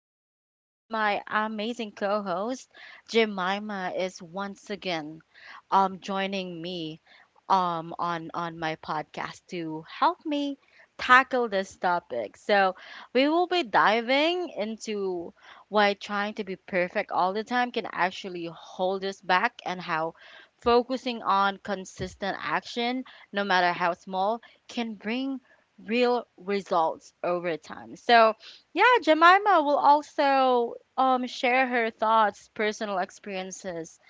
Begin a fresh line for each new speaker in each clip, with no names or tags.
excited because my amazing co host, Jemima, is once again joining me on my podcast to help me tackle this topic. So we will be diving into why trying to be perfect all the time can actually hold us back and how focusing on consistent action, no matter how small, can bring real results over time. So yeah, Jemima will also share her thoughts, personal experiences,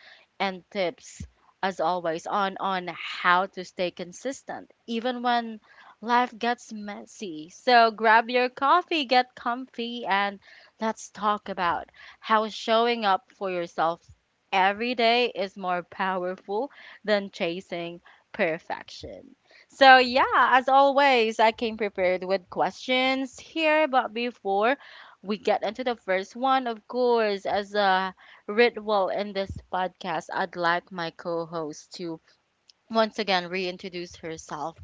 and tips, as always, on how to stay consistent even when life gets messy. So grab your coffee, get comfy, and let's talk about how showing up for yourself every day is more powerful than chasing perfection. So, yeah, as always, I came prepared with questions here, but before we get into the first one, of course, as a ritual in this podcast, I'd like my co host to once again reintroduce herself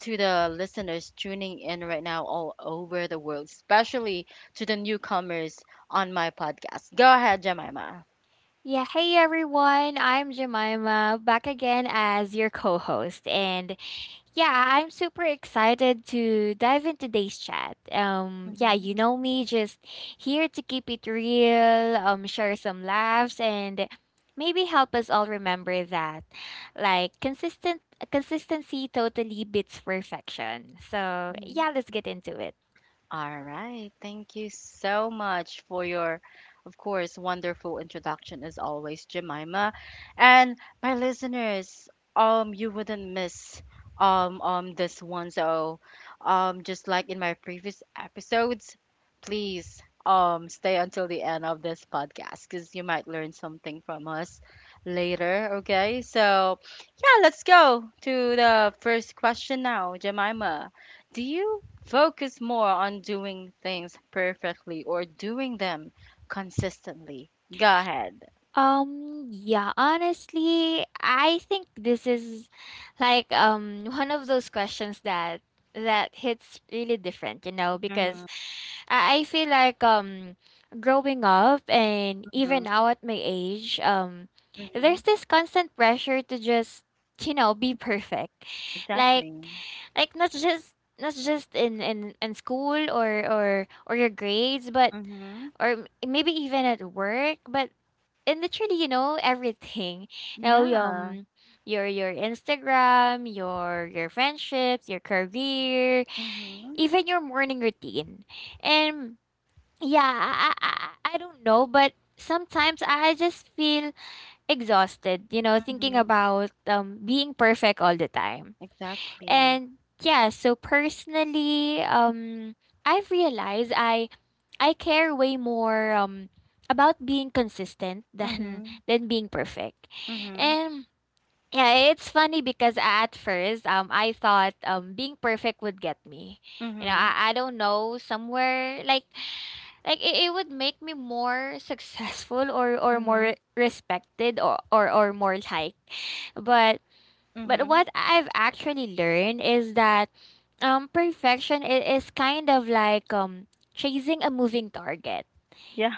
to the listeners tuning in right now all over the world, especially to the newcomers on my podcast. Go ahead, Jemima.
Yeah, hey everyone, I'm Jemima, back again as your co host. And yeah, I'm super excited to dive in today's chat. Yeah,
Hmm.
you know me, just here to keep it real, share some laughs, and maybe help us all remember that like consistent consistency totally beats perfection. So yeah, let's get into it.
All right. Thank you so much for your, of course, wonderful introduction as always, Jemima. And my listeners, you wouldn't miss this one. So, just like in my previous episodes, please stay until the end of this podcast because you might learn something from us later. Okay. So, yeah, let's go to the first question now, Jemima. Do you focus more on doing things perfectly or doing them consistently? Go ahead.
Yeah, honestly, I think this is one of those questions that hits really different, you know,
Mm-hmm.
because I feel like growing up and even now
Mm-hmm.
at my age,
Hmm.
there's this constant pressure to just, be perfect. Like
Exactly.
like not just in school or or your grades, but
Mm-hmm.
maybe even at work but and literally, you know, everything. Now,
Yeah.
your Instagram, your friendships, your career,
Mm-hmm.
even your morning routine. And yeah, I I, I don't know, but sometimes I just feel exhausted, you know, thinking
Mm-hmm.
about being perfect all the time.
Exactly.
And yeah, so personally, I've realized I care way more about being consistent than
Mm-hmm.
than being perfect.
Mm-hmm.
And yeah, it's funny because at first I thought being perfect would get me. You know,
Mm-hmm.
I don't know, somewhere like it would make me more successful or
Mm-hmm.
more respected or more liked. But but
Mm-hmm.
what I've actually learned is that perfection is kind of like chasing a moving target.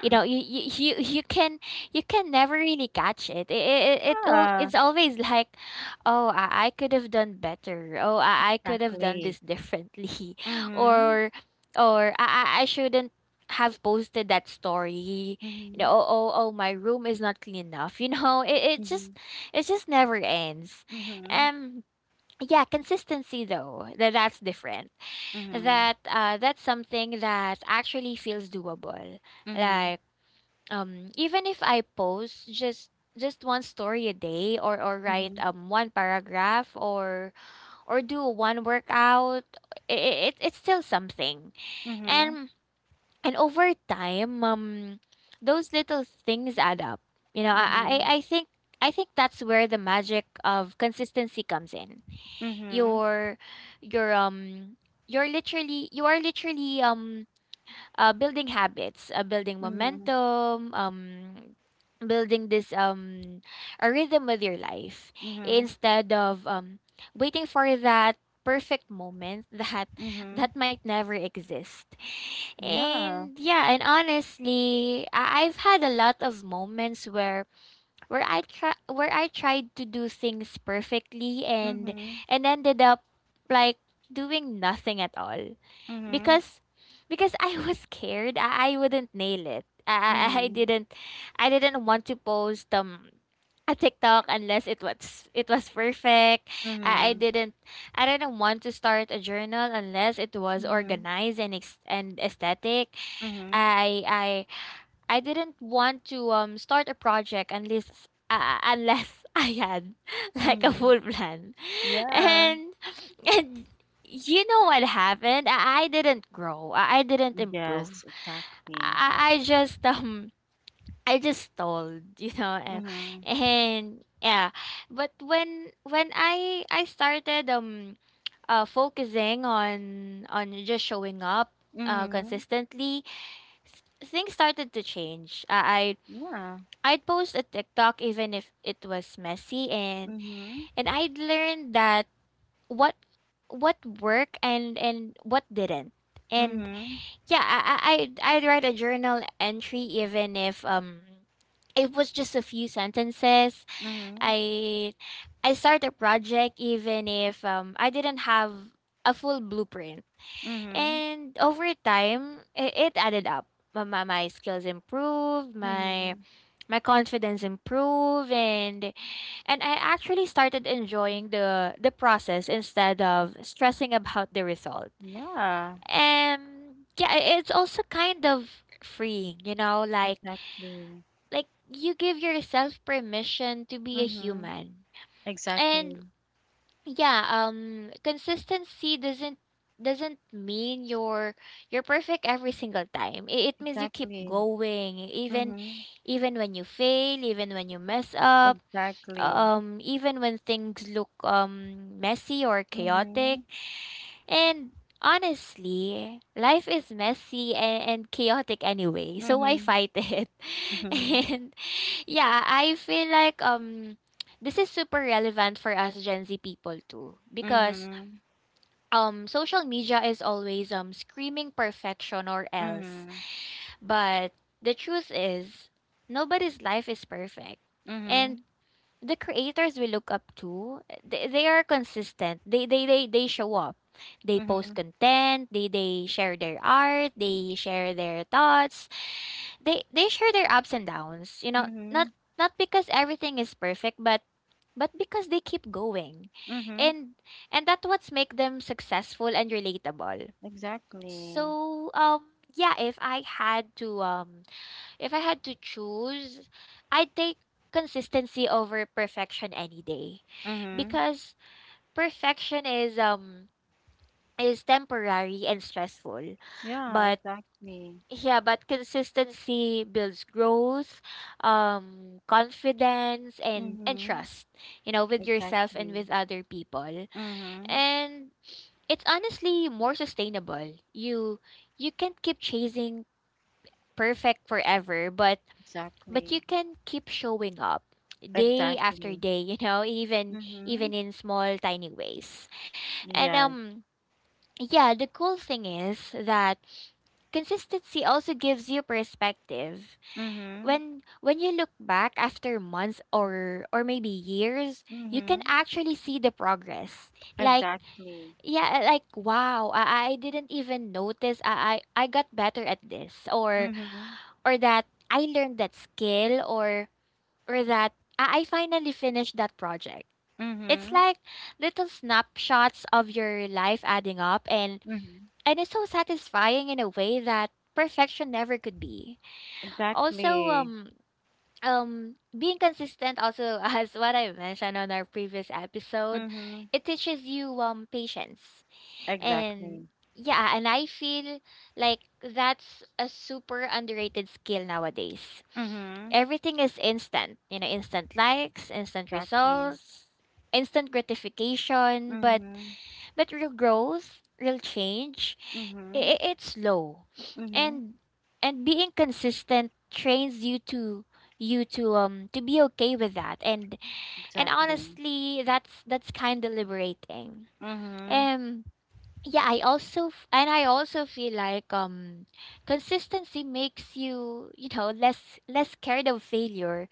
You know, you can never really catch it. It'll,
Ah.
it's always like, oh, I could have done better. Oh, I could have done
Exactly.
this differently,
Mm-hmm.
or I shouldn't have posted that story. You
Mm-hmm.
know, oh my room is not clean enough. You know,
Mm-hmm.
it just never ends.
Mm-hmm.
Um, yeah, consistency though that's different
Mm-hmm.
that's something that actually feels doable.
Mm-hmm.
Like even if I post just one story a day, or write
Mm-hmm.
one paragraph, or do one workout, it's still something.
Mm-hmm.
And and over time, those little things add up. You know,
Mm-hmm.
I think. I think that's where the magic of consistency comes in.
Mm-hmm.
Your your you are literally building habits, building
Mm-hmm.
momentum, building this a rhythm with your life
Mm-hmm.
instead of waiting for that perfect moment that
Mhm.
that might never exist.
Yeah.
And yeah, and honestly, I've had a lot of moments where I try where I tried to do things perfectly
Mhm.
and ended up like doing nothing at all,
Mhm.
because I was scared I wouldn't nail it. I
Mhm.
didn't, I didn't want to post a TikTok unless it was perfect. I
Mhm.
didn't, I didn't want to start a journal unless it was
Mhm.
organized and and aesthetic.
Mhm.
I I I didn't want to start a project unless unless I had like a
Mhm.
full plan.
Yeah.
And and you know what happened? I didn't grow. I didn't
Yes,
improve.
exactly.
I, I just um I just stalled, you know, and,
Mhm.
and yeah. But when I started focusing on just showing up
Mhm.
consistently, th- things started to change. I
Yeah.
I'd post a TikTok even if it was messy,
Mhm.
and I'd learn that what what worked and what didn't. And
Mhm.
yeah, I'd write a journal entry even if it was just a few sentences.
Mhm.
I I start a project even if I didn't have a full blueprint.
Mhm.
And over time, it added up. My skills improved, my
Mhm.
my confidence improved, and I actually started enjoying the process instead of stressing about the result.
Yeah,
And yeah, it's also kind of freeing, you know,
exactly.
like you give yourself permission to be a
Mhm.
human.
Exactly.
And yeah, consistency doesn't mean you're perfect every single time. It means you keep
Exactly.
going, even
Mhm.
even when you fail, even when you mess up,
Exactly.
even when things look messy or
Mhm.
chaotic. And honestly, life is messy and chaotic anyway, so why
Mhm.
fight it?
Mhm.
and yeah, I feel like this is super relevant for us Gen Z people too, because
Mhm.
social media is always screaming perfection or else.
Mhm.
But the truth is, nobody's life is perfect.
Mhm.
And the creators we look up to, they are consistent, they show up, they post
Mhm.
content, they share their art, they share their thoughts, they share their ups and downs, you know, not
Mhm.
not because everything is perfect, but because they keep going,
Mhm.
and and that's what's make them successful and relatable.
Exactly.
So yeah, if I had to if I had to choose, I'd take consistency over perfection any day,
Mhm.
because perfection is temporary and stressful.
Yeah,
But
exactly.
yeah, but consistency builds growth, confidence and
Mhm.
trust, you know, with yourself and
Exactly.
with other people.
Mhm.
And it's honestly more sustainable. You can't keep chasing perfect forever, but you
Exactly.
can keep showing up day after
Exactly.
day, you know, even even
Mhm.
in small tiny ways. And
Yes.
yeah, the cool thing is that consistency also gives you perspective.
Mhm.
When you look back after months or maybe years, you can
Mhm.
actually see the progress. Like
Exactly.
yeah, like wow, I didn't even notice I got better at this,
Mhm.
or that I learned that skill, or that I finally finished that project. It's
Mhm.
like little snapshots of your life adding up,
Mhm.
and it's so satisfying in a way that perfection never could be. Also
Exactly.
being consistent also as what I mentioned on our previous episode,
Mhm.
it teaches you patience. And
Exactly.
yeah, and I feel like that's a super underrated skill nowadays.
Mhm.
Everything is instant, you know, instant likes, instant
Exactly.
results, instant gratification,
Mhm.
but real growth, real change,
Mhm.
it's slow.
Mhm.
and and being consistent trains you to to be okay with that, and
Exactly.
honestly that's kind of liberating.
Mhm.
um yeah, I also f- and I also feel like consistency makes you, you know, less less scared of failure,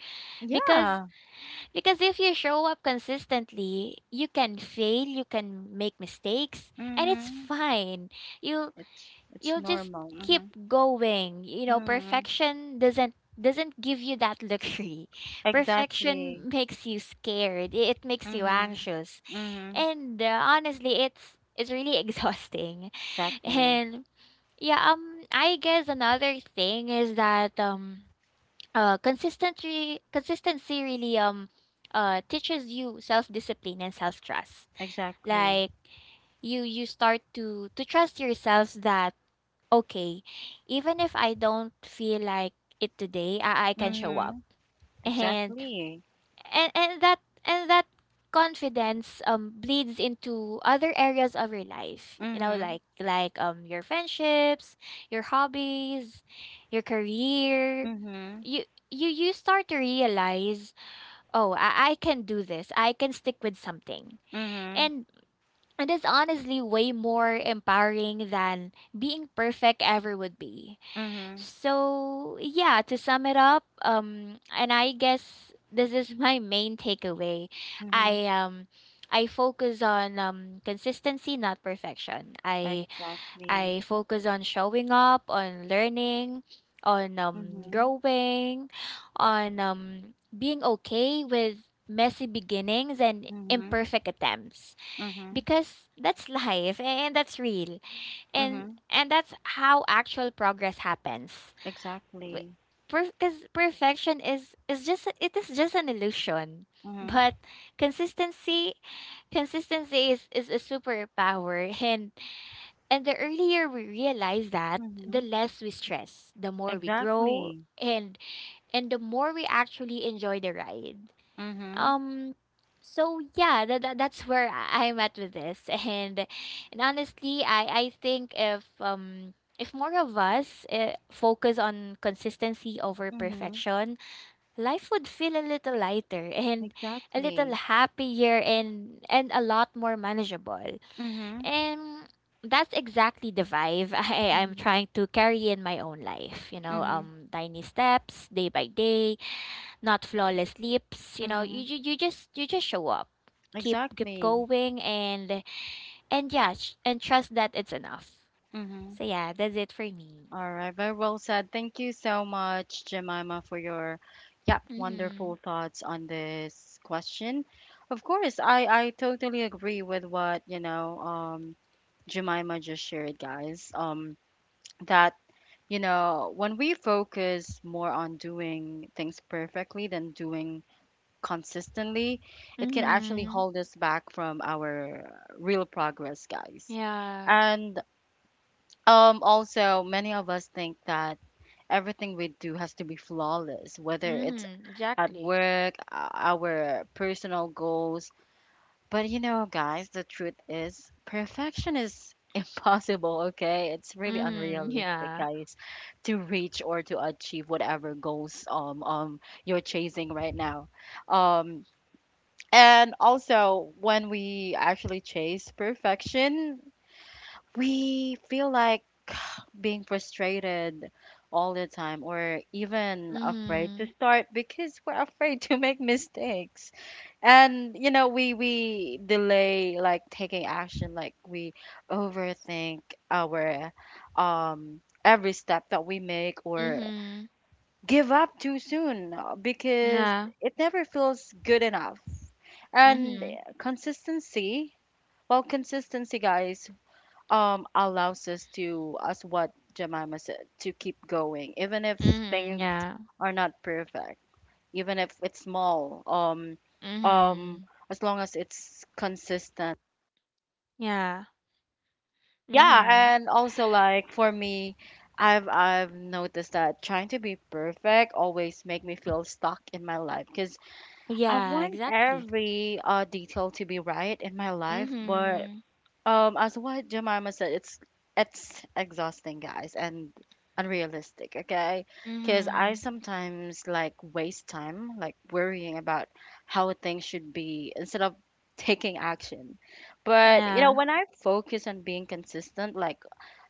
because
Yeah.
because if you show up consistently, you can fail, you can make mistakes, and it's
Mhm.
fine. you'll
It's
you'll just
normal.
keep
Mhm.
going, you know.
Mm,
Perfection doesn't give you that luxury.
exactly.
Perfection makes you scared, it makes you
Mhm.
anxious,
Mhm.
and honestly it's really exhausting.
Exactly.
And yeah, I guess another thing is that consistency really teaches you self-discipline and self-trust.
Exactly.
Like you start to trust yourselves that okay, even if I don't feel like it today, I can show up.
Mhm.
And
Exactly.
and and that and that confidence bleeds into other areas of your life, you know,
Mhm.
like your friendships, your hobbies, your career.
Mhm.
you you start to realize, oh, I can do this, I can stick with something.
Mhm.
And it is honestly way more empowering than being perfect ever would be.
Mhm.
So yeah, to sum it up, and I guess this is my main takeaway, I
Mhm.
um I focus on consistency, not perfection.
Exactly.
I focus on showing up, on learning, on
Mhm.
growing, on being okay with messy beginnings and
Mhm.
imperfect attempts,
Mhm.
because that's life and that's real,
Mhm.
and that's how actual progress happens.
Exactly.
Because perfection is just it is just an illusion,
Mhm.
but consistency consistency is a superpower, and the earlier we realize that, the
Mhm.
less we stress, the more we grow,
Exactly.
and the more we actually enjoy the ride.
Mhm.
Um so yeah, that's where I'm at with this. And honestly, I think if more of us focus on consistency over
Mhm.
perfection, life would feel a little lighter and a little
Exactly.
happier and a lot more manageable.
Mhm.
And that's exactly the vibe I'm
Mhm.
trying to carry in my own life. You know,
Mhm.
tiny steps, day by day, not flawless leaps. You know,
Mhm.
you just show up, keep
Exactly.
going, and yeah, and trust that it's enough.
Mhm.
So yeah, that's it for me.
All right, very well said. Thank you so much, Jemima, for your, yep,
Mm-hmm.
wonderful thoughts on this question. Of course, I totally agree with what, you know, Jemima just shared, guys. That, you know, when we focus more on doing things perfectly than doing consistently, it can actually
Mm-hmm.
hold us back from our real progress, guys.
Yeah.
And also many of us think that everything we do has to be flawless, whether it's
Mm-hmm.
at
Exactly.
work, our personal goals. But you know, guys, the truth is perfection is impossible, okay? It's really
Mm-hmm.
unrealistic,
Yeah.
guys, to reach or to achieve whatever goals you're chasing right now. Um and also when we actually chase perfection, we feel like being frustrated all the time or even afraid to
Mm-hmm.
start because we're afraid to make mistakes, and you know we delay like taking action, like we overthink our every step that we make or
Mm-hmm.
give up too soon, because
Yeah.
it never feels good enough. And
Mm-hmm.
consistency, well, consistency, guys, allows us, to as what Jemima said, to keep going even if
Mm-hmm.
things
Yeah.
are not perfect, even if it's small, um
Mm-hmm.
as long as it's consistent.
Yeah.
Yeah,
Mhm.
and also like for me, I've noticed that trying to be perfect always make me feel stuck in my life because I
Yeah,
want
exactly.
every detail to be right in my life. But
Mhm.
As what Jemima said, it's exhausting, guys, and unrealistic, okay? Because I
Mhm.
sometimes like waste time, like worrying about how things should be instead of taking action. But you know,
Yeah.
when I focus on being consistent, like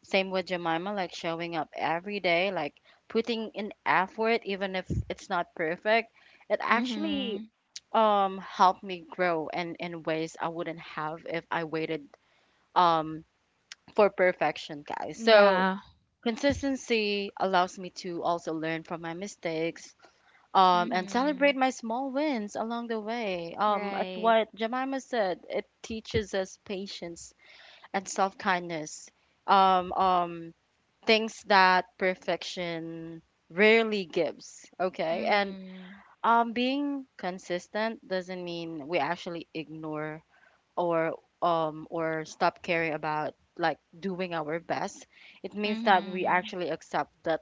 same with Jemima, like showing up every day, like putting in effort, even if it's not perfect, it actually
Mhm.
helped me grow, and in ways I wouldn't have if I waited um for perfection, guys. So
Yeah.
consistency allows me to also learn from my mistakes, and celebrate
Mhm.
my small wins along the way. As
Right.
what Jemima said, it teaches us patience and self kindness. Um, um, Things that perfection rarely gives. Okay, and
Mhm.
being consistent doesn't mean we actually ignore or or stop caring about like doing our best. It means that we
Mhm.
actually accept that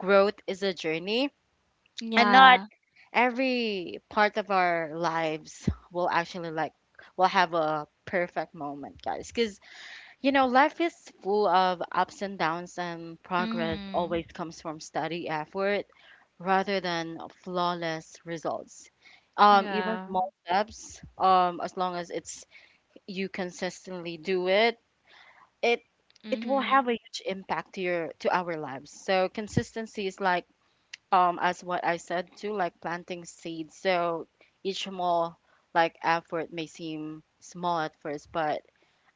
growth is a journey, and not
Yeah.
every part of our lives will actually like will have a perfect moment, guys, because you know life is full of ups and downs, and progress always
Mhm.
comes from steady effort rather than flawless results. Even
Yeah.
small steps, as long as it's you consistently do it, it it will have
Mhm.
a huge impact to our lives. So consistency is like, as what I said too, like planting seeds. So each small like effort may seem small at first, but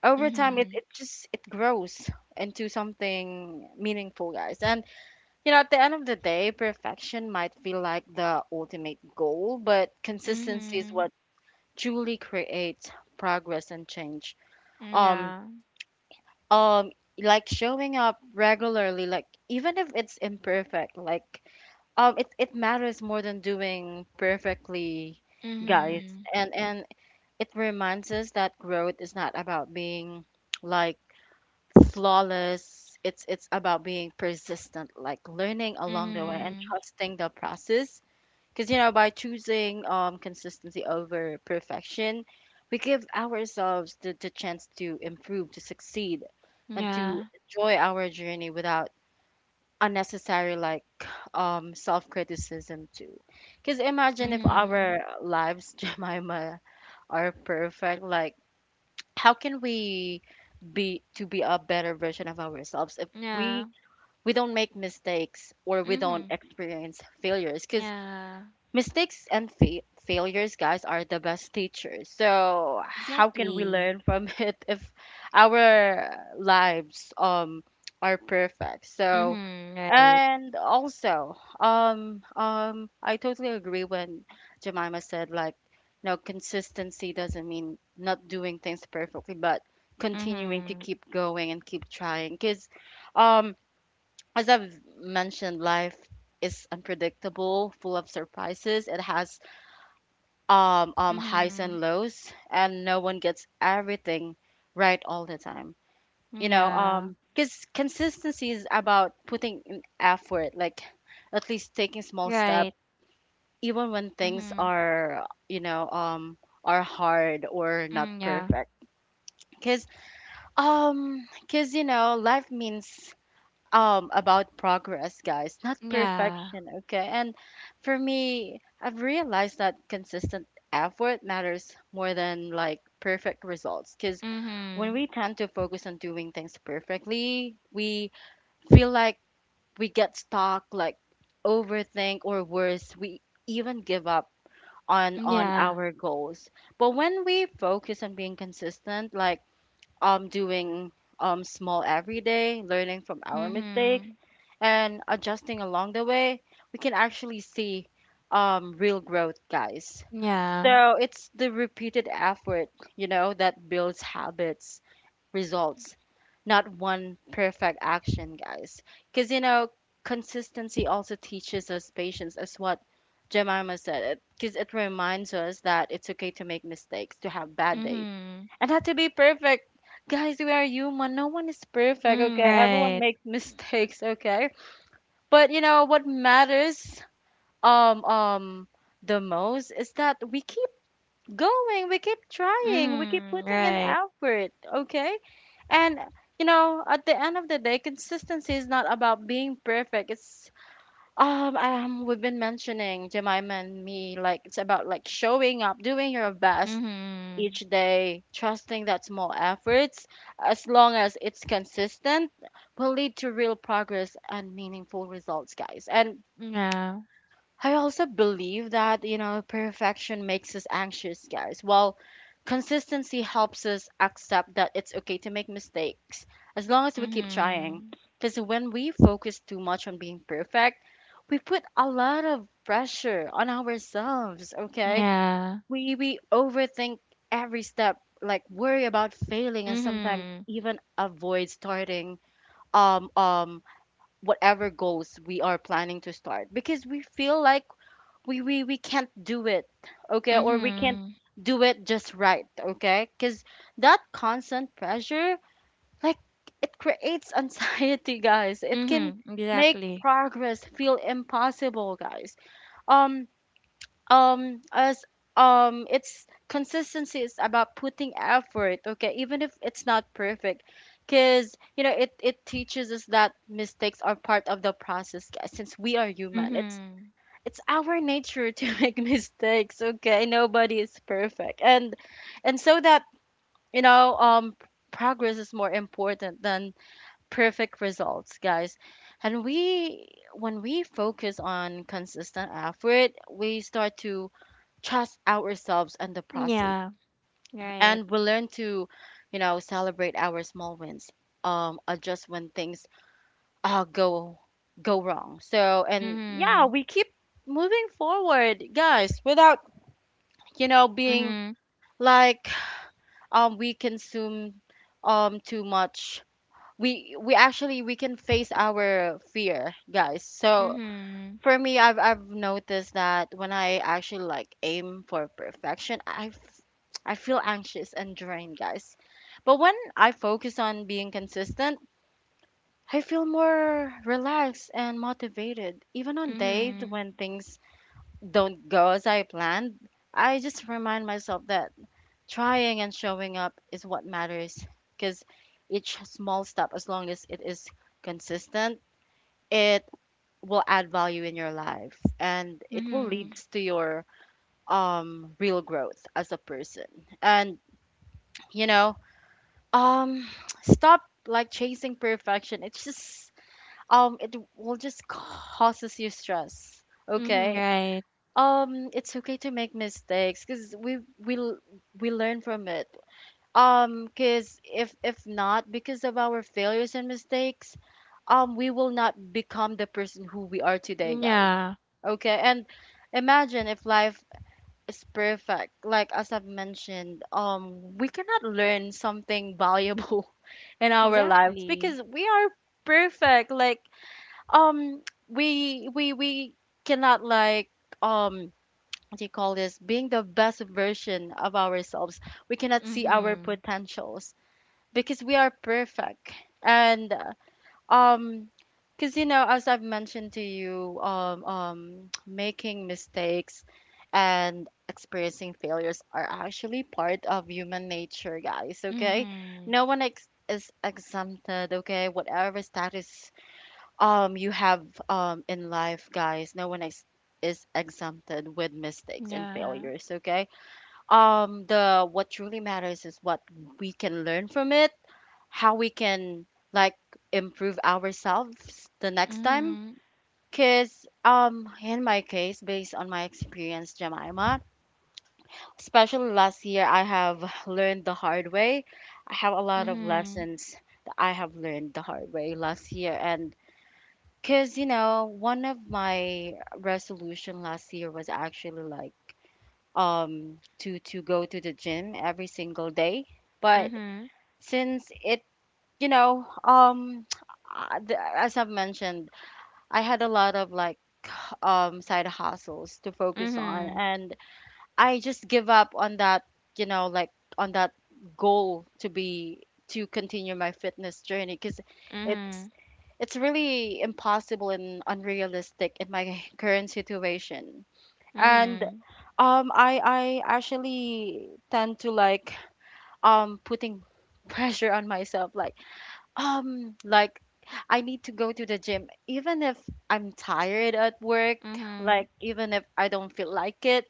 over time it, it
Mhm.
just it grows into something meaningful, guys. And you know, at the end of the day, perfection might feel like the ultimate goal, but consistency is
Mhm.
what truly creates progress and change. um
Yeah.
um like showing up regularly, like even if it's imperfect, like it matters more than doing perfectly, guys.
Mhm.
And it reminds us that growth is not about being like flawless. It's about being persistent, like learning along the way and
Mhm.
trusting the process, because, you know, by choosing consistency over perfection, we give ourselves the chance to improve, to succeed, and to
Yeah.
enjoy our journey without unnecessary, like, self criticism, too. Because imagine if our
Mhm.
lives, Jemima, are perfect, like, how can we be a better version of ourselves if we
Yeah.
we don't make mistakes or we don't
Mhm.
experience failures? Because
Yeah.
mistakes and failures, guys, are the best teachers. So how can we
Exactly.
learn from it if our lives are perfect? So,
Mhm. Right.
and also I totally agree when Jemima said, like you know, consistency doesn't mean not doing things perfectly, but continuing to
Mhm.
keep going and keep trying. Because um as I've mentioned, life is unpredictable, full of surprises. It has highs and
Mhm.
lows, and no one gets everything right all the time. You know,
Yeah.
because consistency is about putting in effort, like at least taking small steps,
Right.
even when things
Mm-hmm.
are, you know, are hard or not
Mm, yeah.
perfect. Because, because you know, life means about progress, guys, not
Yeah.
perfection, okay? And for me, I've realized that consistent effort matters more than like perfect results, because when
Mm-hmm.
we tend to focus on doing things perfectly, we feel like we get stuck, like overthink, or worse, we even give up on
Yeah.
our goals. But when we focus on being consistent, like doing small every day, learning from our
Mm-hmm.
mistakes and adjusting along the way, we can actually see, real growth, guys.
Yeah.
So it's the repeated effort, you know, that builds habits, results, not one perfect action, guys. Because, you know, consistency also teaches us patience, as what Jemima said, because it reminds us that it's okay to make mistakes, to have bad days,
Mm-hmm.
and not to be perfect. Guys, we are human. No one is perfect,
Mm,
okay? Everyone
right.
makes mistakes, okay? But you know what matters, um um the most, is that we keep going, we keep trying, we keep
Mm-hmm.
putting in
Right.
effort, okay? And you know, at the end of the day, consistency is not about being perfect. It's we've been mentioning, Jemima and me, like it's about like showing up, doing your best
Mm-hmm.
each day, trusting that small efforts, as long as it's consistent, will lead to real progress and meaningful results, guys. And
Yeah.
I also believe that, you know, perfection makes us anxious, guys. While consistency helps us accept that it's okay to make mistakes as long as we keep trying.
Mm-hmm.
Because when we focus too much on being perfect, we put a lot of pressure on ourselves, okay?
Yeah.
We overthink every step, like worry about failing and sometimes
Mm-hmm.
even avoid starting um um whatever goals we are planning to start because we feel like we can't do it, okay, or we can't
Mm-hmm.
do it just right, okay, because that constant pressure, like, it creates anxiety guys, it can
Mm-hmm.
make
Exactly.
progress feel impossible, guys. Um as It's consistency is about putting effort, okay, even if it's not perfect because, you know, it teaches us that mistakes are part of the process, guys, since we are human. it's
Mm-hmm.
it's our nature to make mistakes, okay, nobody is perfect. And so that you know Progress is more important than perfect results, guys. And we When we focus on consistent effort, we start to trust ourselves and the process.
Yeah. Right.
And we learn to, you know, celebrate our small wins, adjust when things uh, go go wrong. So, and yeah,
Mm-hmm.
we keep moving forward, guys, without, you know, being
Mm-hmm.
like, we consume too much. We can face our fear, guys. So
Mm-hmm.
for me, I've noticed that when I actually, like, aim for perfection, I feel anxious and drained, guys. But when I focus on being consistent, I feel more relaxed and motivated. Even on days
Mm-hmm.
when things don't go as I planned, I just remind myself that trying and showing up is what matters, because each small step, as long as it is consistent, it will add value in your life, and it will lead
Mm-hmm.
to your real growth as a person. And, you know, um stop, like, chasing perfection. It's just it will just causes you stress,
Mm-hmm.
okay.
Right.
It's okay to make mistakes because we learn from it, because if not because of our failures and mistakes, we will not become the person who we are today, guys,
Yeah.
okay. And imagine if life is perfect, like as I've mentioned, we cannot learn something valuable in our lives because
Exactly.
we are perfect. Like um we cannot, like, um what do you call this, being the best version of ourselves, we cannot see our
Mhm.
potentials because we are perfect. And uh, um because, you know, as I've mentioned to you, making mistakes and experiencing failures are actually part of human nature, guys, okay.
Mhm.
no one ex- is exempted, okay, whatever status you have in life, guys. No one is exempted with mistakes and
Yeah.
failures, okay. The what truly matters is what we can learn from it, how we can, like, improve ourselves the next time.
Mhm.
Because in my case, based on my experience, Jemima, especially last year, I have learned the hard way. I have a lot of
Mhm.
lessons that I have learned the hard way last year. And because, you know, one of my resolution last year was actually like to go to the gym every single day. But
Mhm.
since it, you know, as I've mentioned, I had a lot of like side hustles to focus on,
Mhm.
and I just give up on that, you know, like on that goal to be to continue my fitness journey because it's
Mhm.
it's really impossible and unrealistic in my current situation. And
Mhm.
I actually tend to like putting pressure on myself, like I need to go to the gym even if I'm tired at work,
Mhm.
like even if I don't feel like it,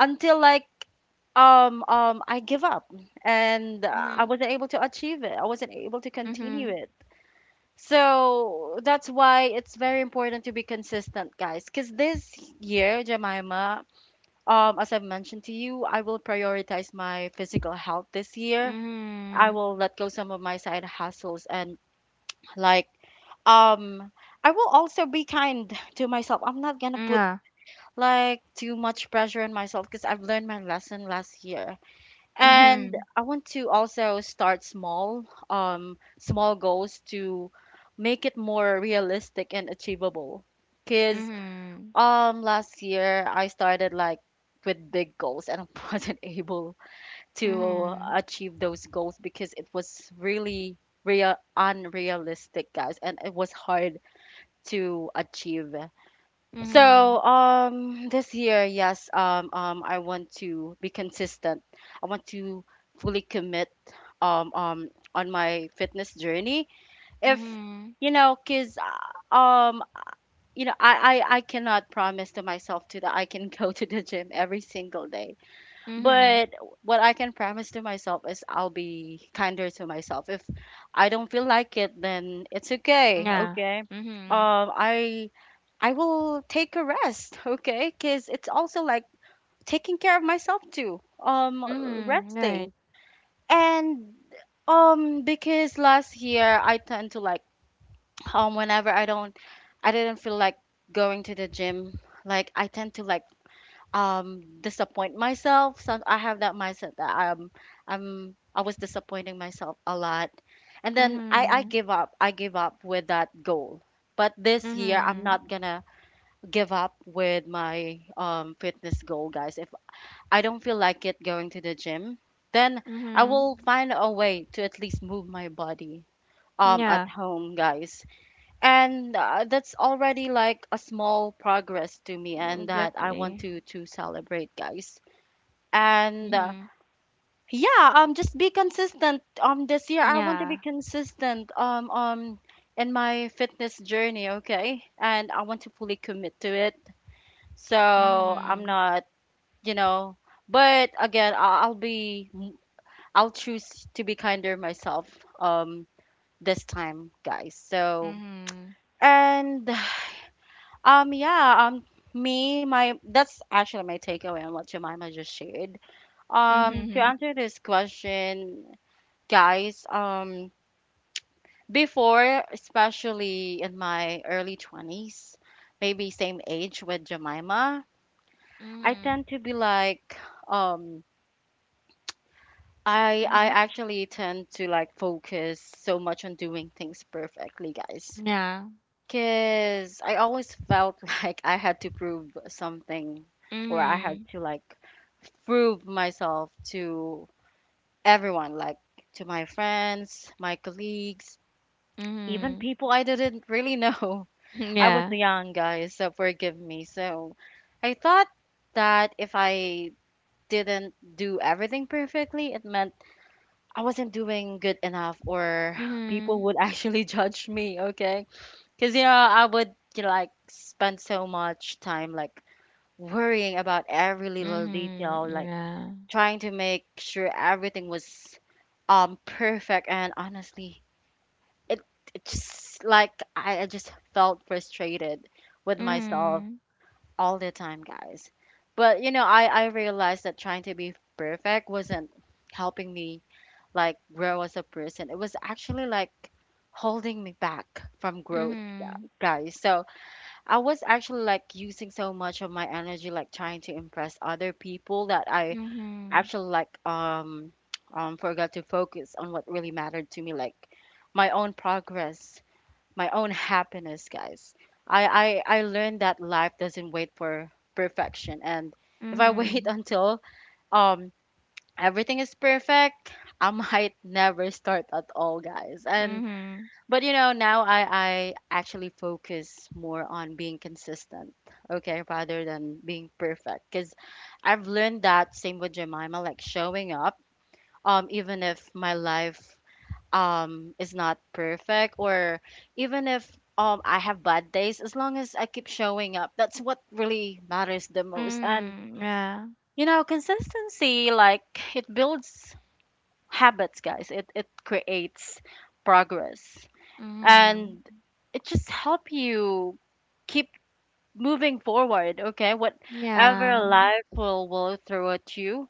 until like I give up, and I
Mhm.
wasn't able to achieve it. I wasn't able to continue
Mhm.
it. So that's why it's very important to be consistent, guys. Because this year, Jemima, as I've mentioned to you, I will prioritize my physical health this year. I
Mhm.
will let go some of my side hustles and, like, um I will also be kind to myself. I'm not gonna put
Yeah.
like too much pressure on myself because I've learned my lesson last year, and
Mhm.
I want to also start small, small goals to make it more realistic and achievable. Because,
Mhm.
last year I started like with big goals, and I wasn't able to
Mhm.
achieve those goals because it was really real unrealistic, guys, and it was hard to achieve. So,
Mhm.
this year, yes, I want to be consistent. I want to fully commit, on my fitness journey. If,
Mhm.
you know, 'cause, you know, I cannot promise to myself to that I can go to the gym every single day.
Mhm.
But what I can promise to myself is I'll be kinder to myself. If I don't feel like it, then it's okay.
Yeah.
Okay.
Mhm.
Um, I I will take a rest. Okay, because it's also like taking care of myself too.
Mhm. Right.
Resting and because last year I tend to like whenever I didn't feel like going to the gym. Like I tend to like disappoint myself some. I have that mindset that I was disappointing myself a lot, and then I
Mhm.
give up, I give up with that goal. But this year, I'm
Mhm.
not gonna give up with my fitness goal, guys. If I don't feel like it going to the gym, then I
Mhm.
will find a way to at least move my body at
Yeah.
home, guys. And that's already like a small progress to me, and that I want
Exactly.
to celebrate, guys. And
Mhm.
yeah, just be consistent. This year, I want to be
Yeah.
consistent in my fitness journey, okay, and I want to fully commit to it. So I'm
Mhm.
not, you know, but again, I'll be, I'll choose to be kinder myself um this time, guys. So
Mhm.
and yeah. Me my That's actually my takeaway on what Jemima just shared, to
Mhm.
answer this question, guys. Before, especially in my early 20s, maybe same age with Jemima, I
Mhm.
tend to be like um I
Mhm.
actually tend to like focus so much on doing things perfectly, guys,
Yeah.
because I always felt like I had to prove something, or I had
Mhm.
to like prove myself to everyone, like to my friends, my colleagues, even
Mhm.
people I didn't really know. I was
Yeah.
young, guys, so forgive me. So I thought that if I didn't do everything perfectly, it meant I wasn't doing good enough, or people
Mhm.
would actually judge me, okay? Because, you know, I would, you know, like spend so much time like worrying about every little detail,
Mhm.
like
Yeah.
trying to make sure everything was perfect, and honestly, it it's just like I just felt frustrated with myself
Mhm.
all the time, guys. But you know, I realized that trying to be perfect wasn't helping me like grow as a person. It was actually like holding me back from growth,
Mhm.
guys. So I was actually like using so much of my energy like trying to impress other people that I
Mhm.
actually like forgot to focus on what really mattered to me, like my own progress, my own happiness, guys. I learned that life doesn't wait for perfection. And if I wait
Mhm.
until um everything is perfect, I might never start at all, guys. And
Mhm.
but you know, now, I actually focus more on being consistent, okay, rather than being perfect. Because I've learned that same with Jemima, like showing up, even if my life is not perfect, or even if I have bad days, as long as I keep showing up, that's what really matters the most. And,
Mhm. Yeah.
you know, consistency, like, it builds habits, guys, it creates progress,
Mhm.
and it just help you keep moving forward, okay, whatever
Yeah.
life will throw at you.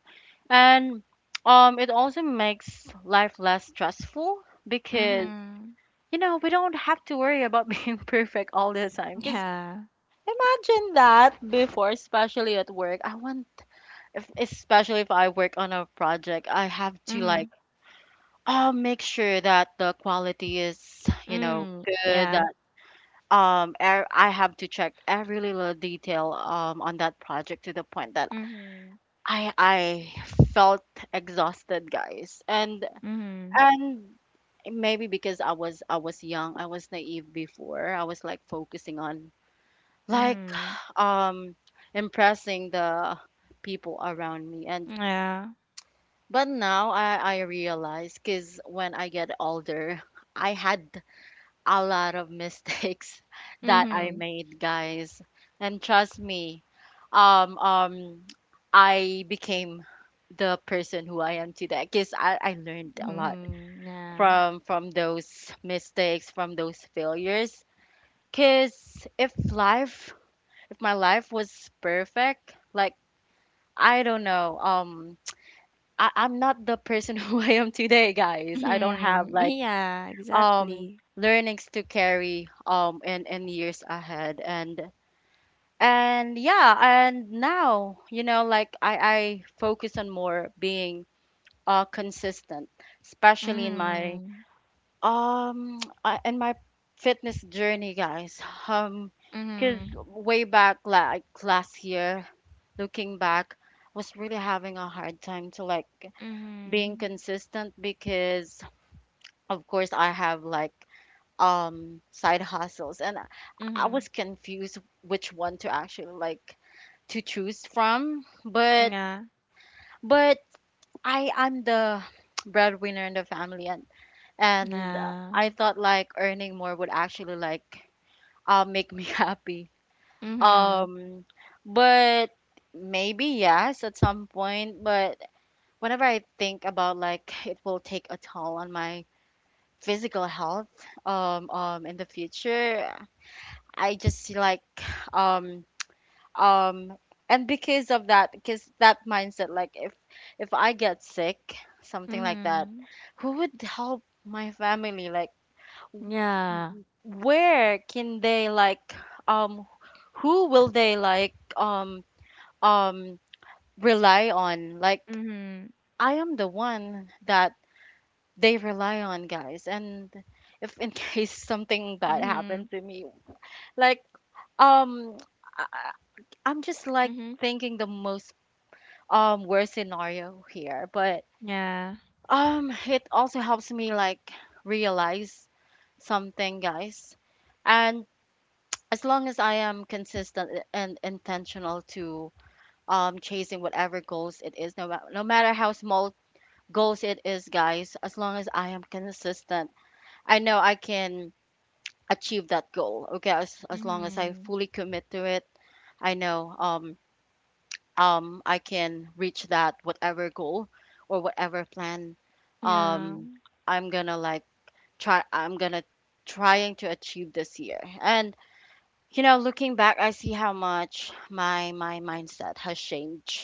And it also makes life less stressful because,
Mhm.
you know, we don't have to worry about being perfect all the time. Because
Yeah.
imagine that before, especially at work, I want, if, especially if I work on a project, I have to
Mhm.
like, oh, make sure that the quality is, you know,
Mm.
good.
Yeah.
That I have to check every little detail on that project, to the point that
Mhm.
I felt exhausted, guys.
Mhm.
And maybe because I was young, I was naive before. I was like focusing on like
Mhm.
um impressing the people around me. And
Yeah.
but now I realize cuz when I get older, I had a lot of mistakes that I
Mhm.
made, guys. And trust me, um um I became the person who I am today because I learned a lot
Mhm. Yeah.
from those mistakes, from those failures. Cause if life, if my life was perfect, like I don't know, I'm not the person who I am today, guys. I don't have
Mhm.
like
Yeah,
um
exactly.
learnings to carry in years ahead. And yeah, and now, you know, like I focus on more being consistent, especially in my
Mhm.
I and my fitness journey, guys. Um, cause
Mhm.
way back, like last year, looking back, was really having a hard time to like being
Mhm.
consistent because, of course, I have like side hustles, and I
Mhm.
was confused which one to actually like to choose from. But
Yeah.
but I'm the breadwinner in the family, and
Yeah.
I thought like earning more would actually like make me happy.
Mhm.
Um, but maybe yes at some point. But whenever I think about like it will take a toll on my physical health in the future, I just see like um um and because of that because that mindset like if I get sick something like that,
Mhm.
who would help my family like?
Yeah.
Where can they like um who will they like um rely on like.
Mhm.
I am the one that they rely on, guys, and if in case something bad happened
Mhm.
to me like um I, I- I'm just like
Mhm.
thinking the most worst scenario here, but
Yeah.
it also helps me like realize something, guys. And as long as I am consistent, and intentional to chasing whatever goals it is, no matter how small goals it is, guys, as long as I am consistent, I know I can achieve that goal. Okay, as long as I
Mhm.
fully commit to it, I know I can reach that whatever goal or whatever plan.
Yeah.
um I'm gonna like try I'm gonna trying to achieve this year. And you know, looking back, I see how much my mindset has changed,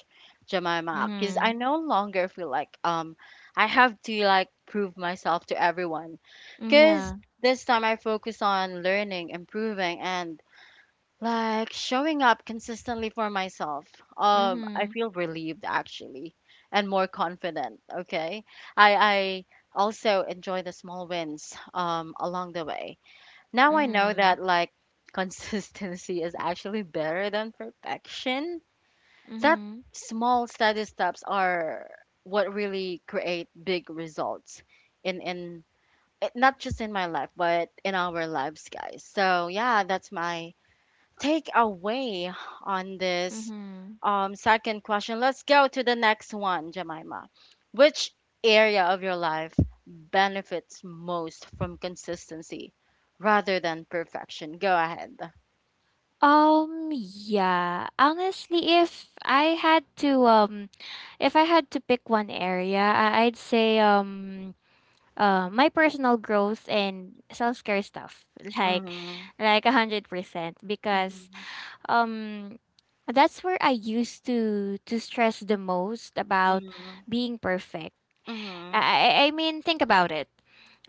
Jemima, because I
Mhm.
no longer feel like I have to like prove myself to everyone.
Mm,
Because
Yeah.
this time I focus on learning, improving, and like showing up consistently for myself. I
Mhm.
feel relieved actually, and more confident. Okay, I also enjoy the small wins along the way. Now I know that
Mhm.
like consistency is actually better than perfection. That
Mhm.
small steady steps are what really create big results in in not just in my life but in our lives, guys. So yeah, that's my take away on this
Mhm.
second question. Let's go to the next one, Jemima. Which area of your life benefits most from consistency rather than perfection? Go ahead.
Yeah. Honestly, if I had to pick one area, I'd say my personal growth and self care stuff, like
Mm-hmm.
like 100%, because
Mm-hmm.
um that's where I used to stress the most about
Mm-hmm.
being perfect. I
Mm-hmm.
I I mean, think about it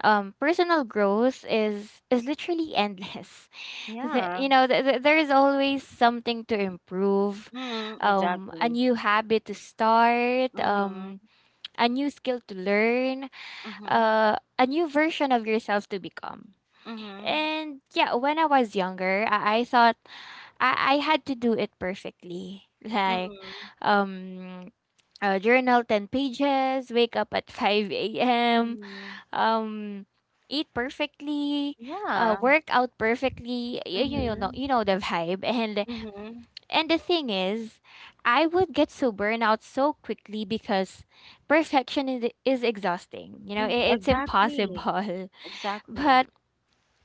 um, personal growth is literally endless.
Yeah.
There is always something to improve,
Mm,
a
exactly.
new habit to start,
Mm-hmm.
a new skill to learn,
Mm-hmm.
a new version of yourself to become.
Mm-hmm.
And yeah, when I was younger, I thought I had to do it perfectly. Like,
Mm-hmm.
um, journal 10 pages, wake up at 5 a.m.,
Mm-hmm.
um, eat perfectly,
Yeah.
work out perfectly.
Mm-hmm.
You know the vibe. And
Mm-hmm.
and the thing is, I would get so burned out so quickly because perfection is exhausting. You know,
Mm-hmm.
it's
Exactly.
impossible.
Exactly.
But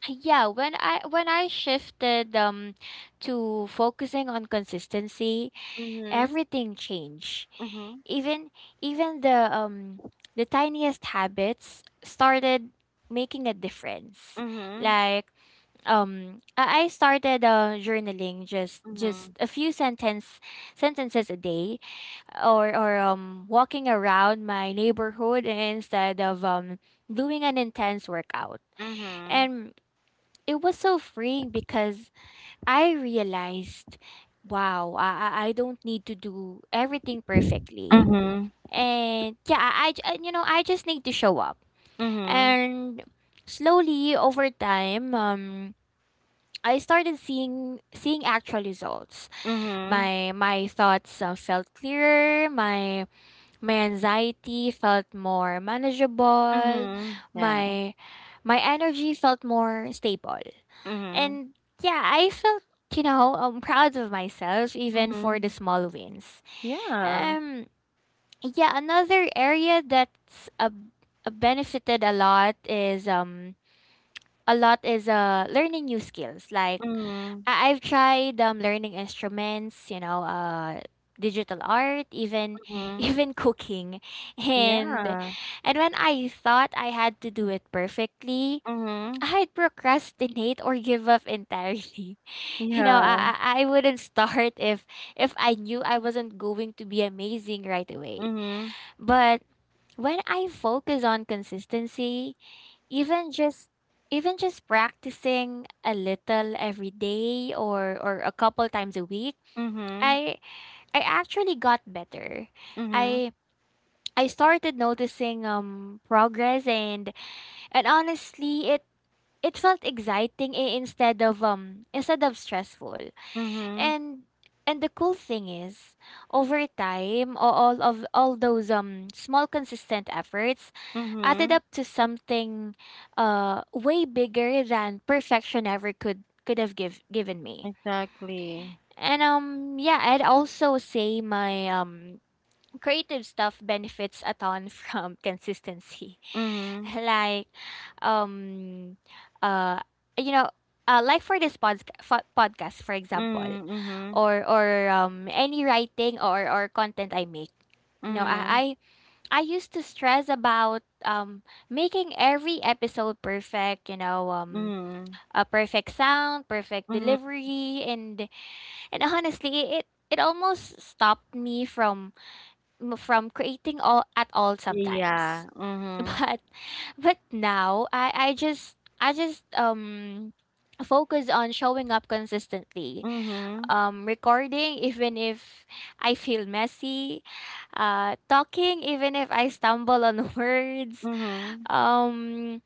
yeah, when I shifted to focusing on consistency,
Mm-hmm.
everything changed.
Mhm,
Even even the tiniest habits started making a difference.
mhm,
Like I started journaling just
mhm,
just a few sentences a day or walking around my neighborhood instead of doing an intense workout.
mhm,
And it was so freeing because I realized, wow, I don't need to do everything perfectly.
mhm,
And yeah, I j- and, you know, I just need to show up.
mhm,
And slowly over time, I started seeing actual results.
mhm,
My thoughts felt clearer. My anxiety felt more manageable,
mhm. Yeah.
my my energy felt more stable.
Mhm,
And yeah, I felt, proud of myself even for the
mhm.
small wins.
Yeah.
Um yeah, another area that's a benefited a lot is learning new skills. Like
Mhm,
I've tried learning instruments, digital art, even
mhm.
even cooking. And
Yeah.
and when I thought I had to do it perfectly,
Mhm.
I'd procrastinate or give up entirely. You know,
Yeah.
I wouldn't start if I knew I wasn't going to be amazing right away.
Mhm,
But when I focus on consistency, even just even just practicing a little every day or a couple times a week,
mhm,
I I actually got better.
mhm,
I I started noticing progress and honestly it felt exciting instead of stressful.
mhm,
And and the cool thing is, over time, a- all of all those small consistent efforts added
mhm.
up to something way bigger than perfection ever could have given me.
Exactly.
And yeah, I'd also say my creative stuff benefits a ton from consistency.
Mhm,
like, um, uh, you know, like, for this podcast, for example,
mhm, mhm,
or any writing or content I make. No,
mhm,
I used to stress about making every episode perfect,
mhm,
a perfect sound, perfect
mhm.
delivery and honestly it almost stopped me from creating all at all sometimes
Yeah. Mhm,
but now I just focus on showing up consistently,
mhm,
recording even if I feel messy, talking even if I stumble on words,
mhm,
um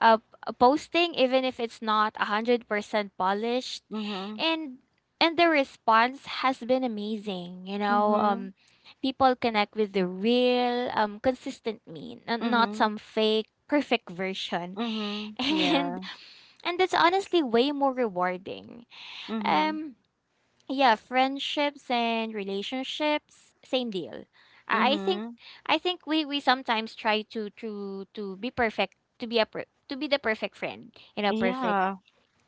posting even if it's not 100% polished.
mhm,
and and the response has been amazing.
mhm,
People connect with the real consistent me and not
mhm.
some fake perfect version.
Mhm.
and
Yeah.
and that's honestly way more rewarding.
Mhm.
um yeah, friendships and relationships, same deal. I I think
Mhm.
I think we sometimes try to be perfect, to be the perfect friend, you know, perfect
Yeah.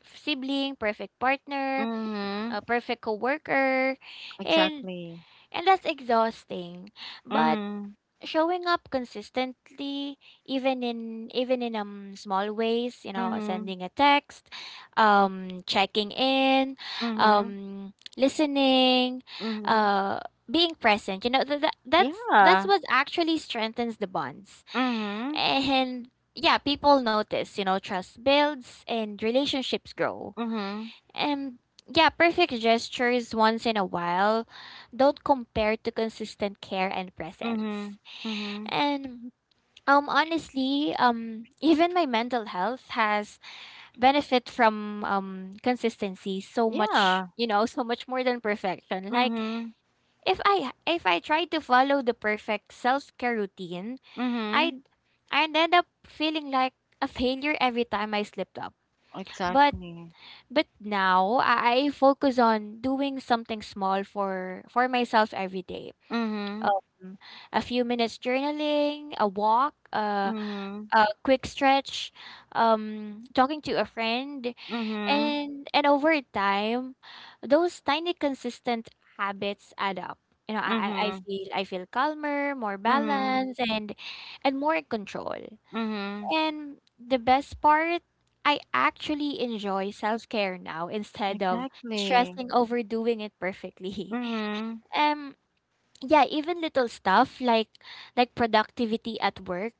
sibling, perfect partner,
Mhm.
a perfect coworker, and
Exactly.
and that's exhausting. But
Mhm.
showing up consistently, even in small ways,
Mhm.
sending a text, checking in,
Mhm.
listening,
Mhm.
uh being present, that's
Yeah.
what actually strengthens the bonds.
Mhm.
And yeah, people notice, trust builds and relationships grow.
Mhm.
And yeah, perfect gestures once in a while don't compare to consistent care and
Mhm.
presence.
Mhm.
And honestly, even my mental health has benefit from consistency so much,
Yeah.
so much more than perfection. Like
Mhm.
if I try to follow the perfect self care routine,
Mhm.
I'd I'd end up feeling like a failure every time I slipped up. But
Exactly.
now I focus on doing something small for myself every day.
Mhm.
Um, a few minutes journaling, a walk,
Mhm.
a quick stretch, talking to a friend,
Mhm.
and over time, those tiny consistent habits add up. You know, I feel calmer, more
Mhm. Mhm.
balanced, and more in control.
Mhm.
And the best part, I actually enjoy self care now instead of
Exactly.
stressing over doing it perfectly.
Mhm.
Um, yeah, even little stuff like productivity at work,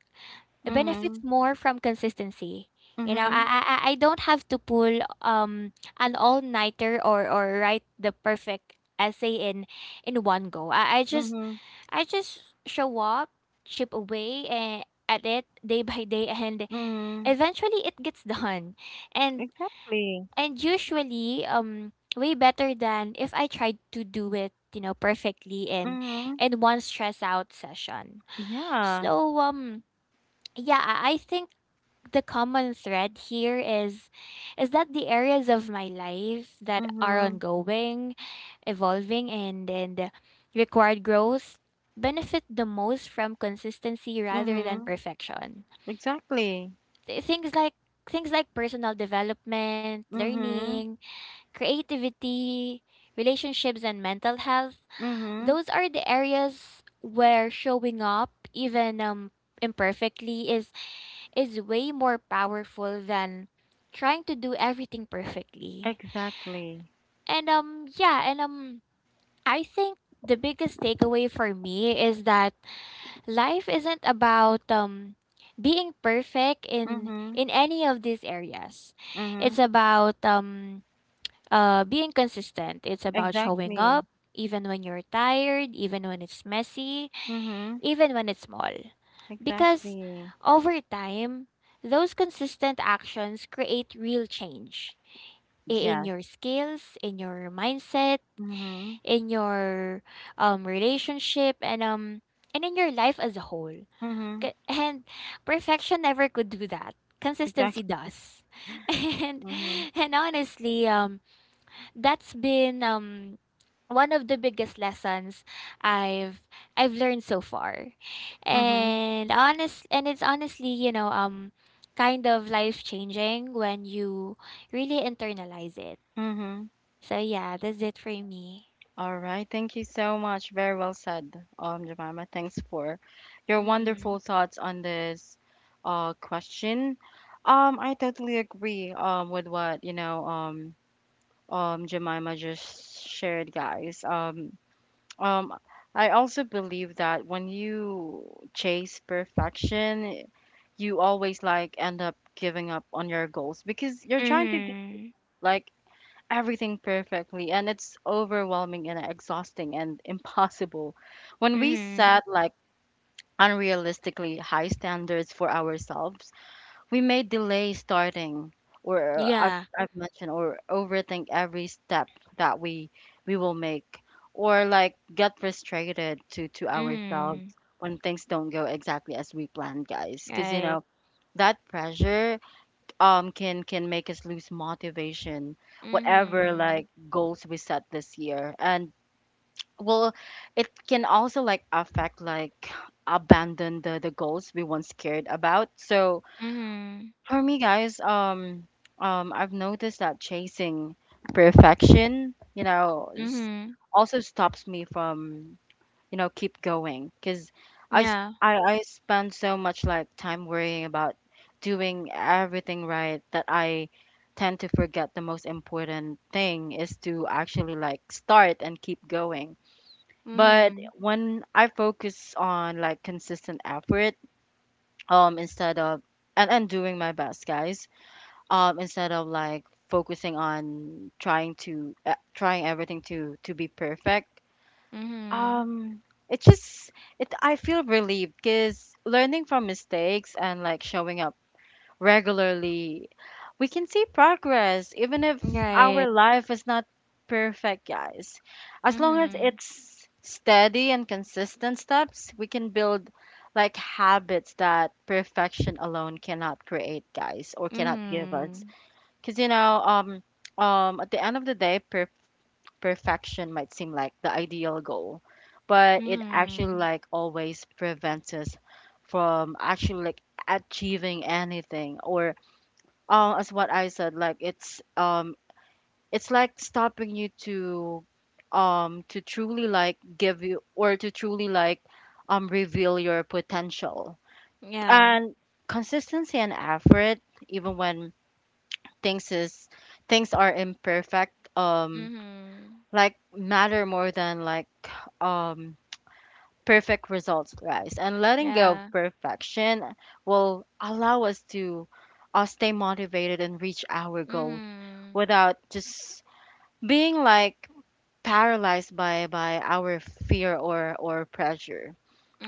it benefits
Mhm.
more from consistency. You know, I
Mhm.
I I I don't have to pull an all nighter or write the perfect essay in one go. I, I just
Mhm.
I just show up, chip away and at it day by day and
Mhm.
eventually it gets done. And
Exactly.
and usually way better than if I tried to do it, you know, perfectly in
Mhm.
one stress out session.
Yeah.
So yeah, I think the common thread here is that the areas of my life that are
Mhm.
ongoing, evolving and required growth benefit the most from consistency rather than
Mhm.
perfection.
Exactly.
Things like personal development,
Mhm.
learning, creativity, relationships and mental health,
Mhm.
those are the areas where showing up even imperfectly is way more powerful than trying to do everything perfectly.
Exactly.
And yeah, and I think the biggest takeaway for me is that life isn't about being perfect in
Mhm.
any of these areas. It's
Mhm.
about being consistent. It's about showing up
Exactly.
even when you're tired, even when it's messy,
Mhm.
even when it's small. Because
Exactly.
over time, those consistent actions create real change in
Yes.
your skills, in your mindset,
Mhm.
in your relationship, and in your life as a whole.
Mhm.
And perfection never could do that. Consistency
Exactly.
does. And
Mhm.
and honestly, that's been one of the biggest lessons I've I've learned so far.
Mhm.
And it's honestly, kind of life changing when you really internalize it.
Mhm.
So yeah, that's it for me.
All right. Thank you so much. Very well said, Jemima. Thanks for your
Mm.
wonderful thoughts on this question. I totally agree with what, you know, Jemima just shared, guys. Um, I also believe that when you chase perfection, you always like end up giving up on your goals because you're trying to do
Mhm.
like everything perfectly, and it's overwhelming and exhausting and impossible. When we
Mhm.
set like unrealistically high standards for ourselves, we may delay starting, or as
Yeah.
I've mentioned, or overthink every step that we will make, or like get frustrated to ourselves
Mhm.
when things don't go exactly as we planned, guys, because you
Right.
know that pressure can make us lose motivation whatever
Mhm.
like goals we set this year. And well, it can also like affect like abandon the goals we once cared about. So
Mhm.
for me, guys, I've noticed that chasing perfection, you know,
Mhm.
also stops me from, you know, keep going. Because
Yeah.
I spend so much like time worrying about doing everything right that I tend to forget the most important thing is to actually like start and keep going. But
Mhm.
when I focus on like consistent effort, instead of and doing my best, guys, instead of like focusing on trying to trying everything to be perfect,
Mhm.
um it just it I feel relieved, because learning from mistakes and like showing up regularly, we can see progress even if
Right.
our life is not perfect, guys. As long as
Mhm.
it's steady and consistent steps, we can build like habits that perfection alone cannot create, guys, or cannot give us.
Mhm.
Because you know, at the end of the day, perfection might seem like the ideal goal, but it actually
Mhm.
like always prevents us from actually like achieving anything. Or, as what I said, like it's like stopping you to truly like give you or to truly like reveal your potential.
Yeah.
And consistency and effort, even when things is things are imperfect,
Mhm.
like matter more than like um perfect results, guys. And letting go
Yeah.
of perfection will allow us to stay motivated and reach our goal
Mhm.
without just being like paralyzed by our fear or pressure.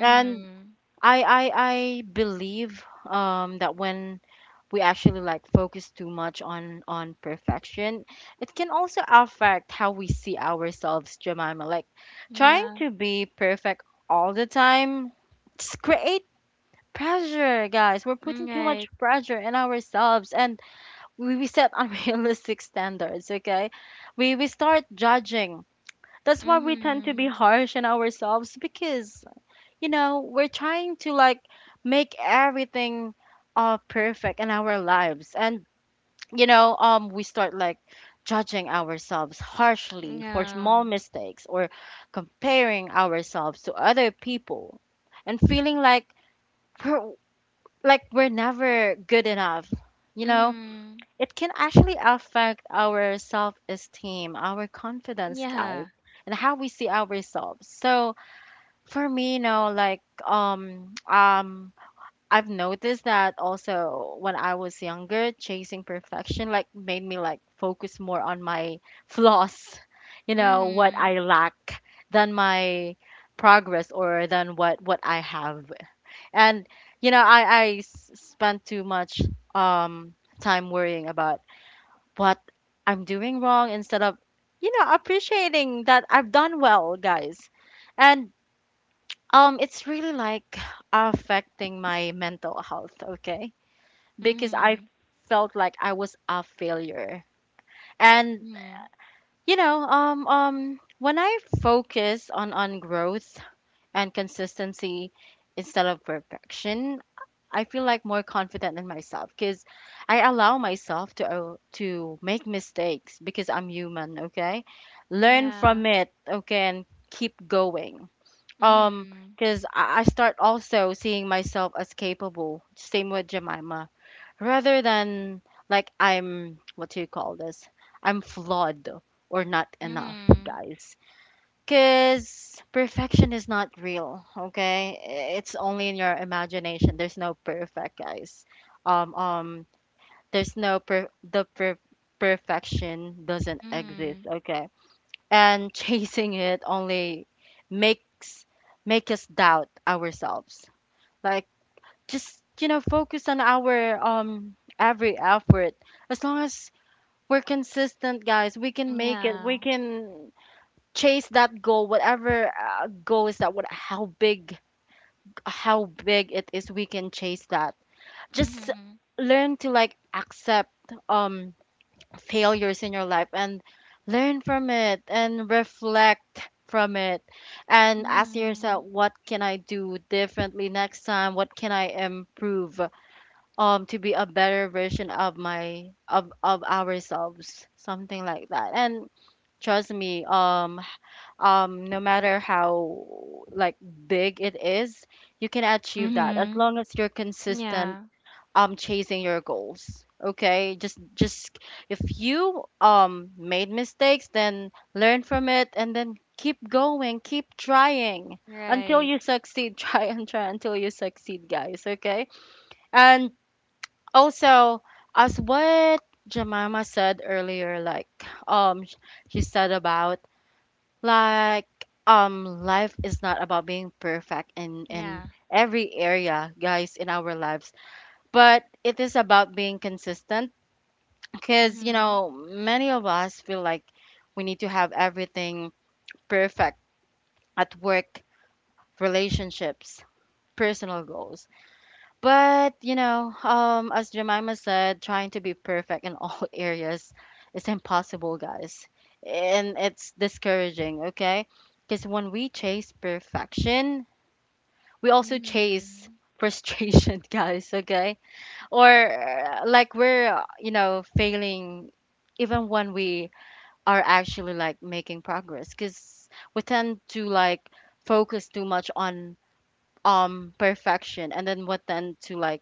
And I believe that when we actually like focus too much on perfection, it can also affect how we see ourselves, Jemima, like trying
Yeah.
to be perfect all the time, it's create pressure, guys. We're
Mm,
putting too
Right.
much pressure in ourselves and we set unrealistic standards, okay? We start judging, that's why we tend to be
Mhm.
harsh in ourselves. Because you know, we're trying to like make everything perfect in our lives. And you know, we start like judging ourselves harshly for
Yeah.
small mistakes or comparing ourselves to other people and feeling we're like we're never good enough. You know,
Mhm.
it can actually affect our self-esteem, our confidence,
Yeah.
guys, and how we see ourselves. So for me, you know, like I've noticed that also when I was younger, chasing perfection like made me like focus more on my flaws, you know, what
Mhm.
I lack than my progress or than what I have. And you know, spent too much um time worrying about what I'm doing wrong instead of, you know, appreciating that I've done well, guys. And it's really like affecting my mental health, okay? Because I
Mhm.
felt like I was a failure. And
Mhm.
you know, when I focus on growth and consistency instead of perfection, I feel like more confident in myself, because I allow myself to make mistakes because I'm human. Okay, learn
Yeah.
from it. Okay, and keep going. Um,
Mhm.
because I start also seeing myself as capable, same with Jemima, rather than like, I'm what do you call this? I'm flawed or not enough,
Mhm.
guys. Cause perfection is not real, okay? I- It's only in your imagination. There's no perfect, guys. Um, um, there's no per the per perfection doesn't exist,
Mhm.
okay? And chasing it only makes make us doubt ourselves. Like just you know focus on our every effort. As long as we're consistent, guys, we can make it.
Yeah.
We can chase that goal, whatever goal is that. What how big How big it is, we can chase that. Just
Mhm.
learn to like accept um failures in your life and learn from it and reflect from it and ask
Mhm.
yourself, what can I do differently next time? What can I improve to be a better version of my of ourselves, something like that. And trust me, no matter how like big it is, you can achieve that as
Mhm.
long as you're
Yeah.
consistent chasing your goals. Okay, just if you made mistakes, then learn from it and then keep going, keep trying
Right.
until you succeed. Try and try until you succeed, guys, okay? And also, as what Jemima said earlier, like um sh- she said about like life is not about being perfect in
Yeah.
every area, guys, in our lives, but it is about being consistent. Because you
Mhm.
know many of us feel like we need to have everything perfect at work, relationships, personal goals. But you know, as Jemima said, trying to be perfect in all areas is impossible, guys. And it's discouraging, okay? Because when we chase perfection, we also chase
Mhm.
frustration, guys, okay? Or like we're, you know, failing even when we are actually like making progress because we tend to like focus too much on perfection and then what then to like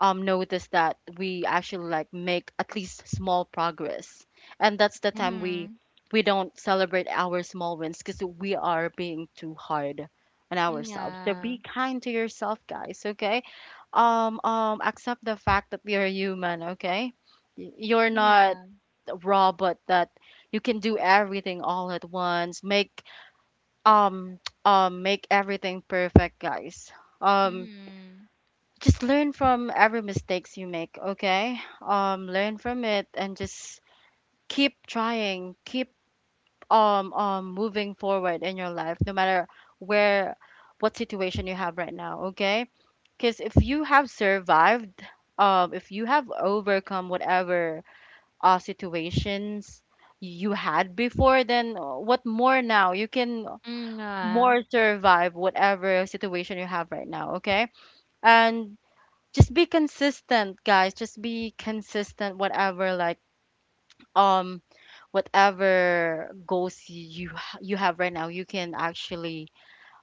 notice that we actually like make at least small progress, and that's the time we
Mhm.
we don't celebrate our small wins because we are being too hard on ourselves. So
Yeah.
be kind to yourself, guys, okay? Accept the fact that you're human, okay? You're not
Yeah.
raw, but that you can do everything all at once, make um make everything perfect, guys. um
Mhm.
just learn from every mistakes you make, okay? Learn from it and just keep trying, keep moving forward in your life, no matter where what situation you have right now, okay? Because if you have survived, if you have overcome whatever situations you had before, then what more now you can
Mm, yeah.
more survive whatever situation you have right now, okay? And just be consistent, guys. Just be consistent whatever like um whatever goals you have right now, you can actually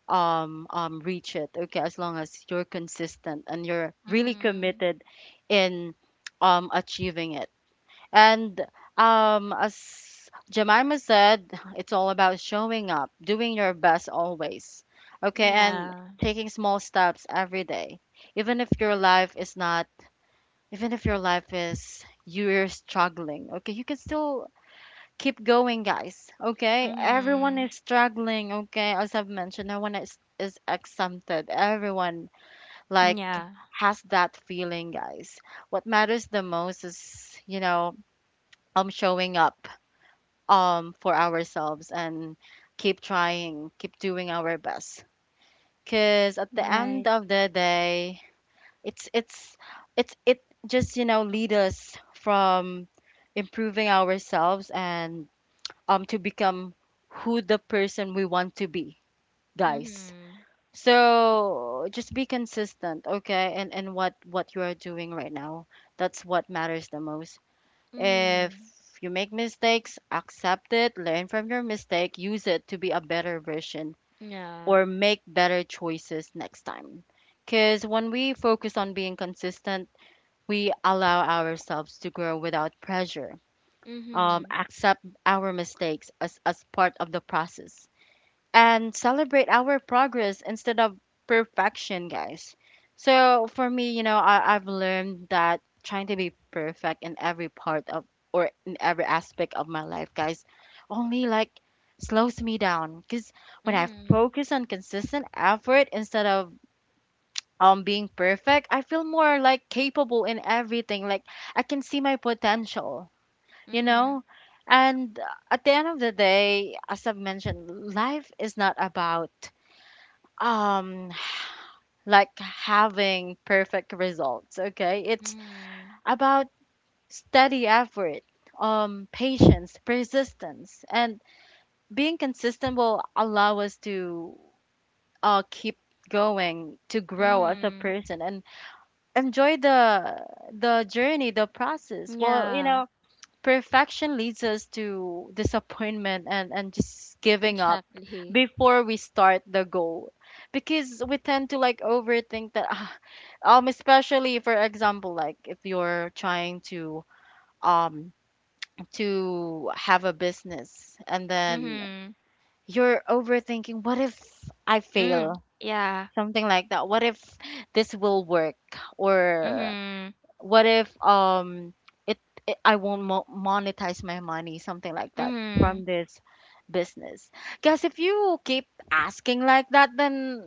reach it, okay? As long as you're consistent and you're really
Mhm.
committed in achieving it. And as Jemima said, it's all about showing up, doing your best always. Okay, and
Yeah.
taking small steps every day. Even if your life is not, even if your life is you're struggling, okay, you can still keep going, guys. Okay, everyone
Mhm.
is struggling. Okay, as I've mentioned, no one is exempted. Everyone like
Yeah.
has that feeling, guys. What matters the most is, you know, showing up for ourselves and keep trying, keep doing our best. Cause at the
Right.
end of the day, it's it's it just you know lead us from improving ourselves and to become who the person we want to be, guys.
Mhm.
So just be consistent, okay, and what you are doing right now. That's what matters the most. If
Mhm.
you make mistakes, accept it, learn from your mistake, use it to be a better version
Yeah.
or make better choices next time. Because when we focus on being consistent, we allow ourselves to grow without pressure.
Mhm.
Accept our mistakes as part of the process and celebrate our progress instead of perfection, guys. So for me, you know, I've learned that trying to be perfect in every part of or in every aspect of my life, guys, only like slows me down. Cause when I
Mhm.
focus on consistent effort instead of being perfect, I feel more like capable in everything. Like I can see my potential, you
Mhm.
know? And at the end of the day, as I've mentioned, life is not about um like having perfect results, okay. It's
Mhm.
about steady effort, patience, persistence, and being consistent will allow us to keep going, to grow as a
Mhm.
person, and enjoy the journey, the process. Well, you
Yeah.
know, perfection leads us to disappointment and just giving up
Exactly.
before we start the goal, because we tend to like overthink that especially for example like if you're trying um to have a business, and then
Mhm.
you're overthinking, what if I
Mm.
fail,
Yeah.
something like that. What if this will work, or
Mhm.
what if it, it I won't monetize my money, something like that
Mhm.
from this business. Because if you keep asking like that, then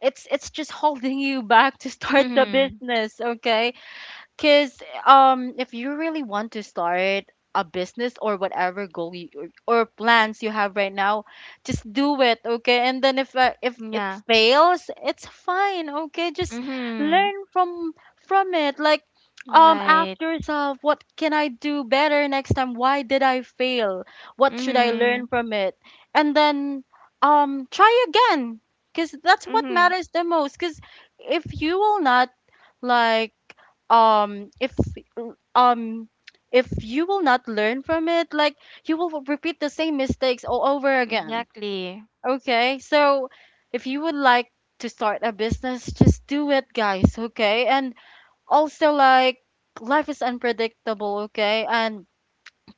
it's just holding you back to start the
Mhm.
business, okay? Because if you really want to start a business or whatever goal you, or plans you have right now, just do it, okay? And then if
Yeah.
it fails, it's fine, okay? Just
Mhm.
learn from it. Like
Right.
ask yourself, what can I do better next time? Why did I fail? What should I
Mhm.
learn from it? And then try again, because that's what
Mhm.
matters the most. Because if you will not like um if um if you will not learn from it, like you will repeat the same mistakes all over again,
Exactly.
okay? So if you would like to start a business, just do it, guys, okay? And also like life is unpredictable, okay, and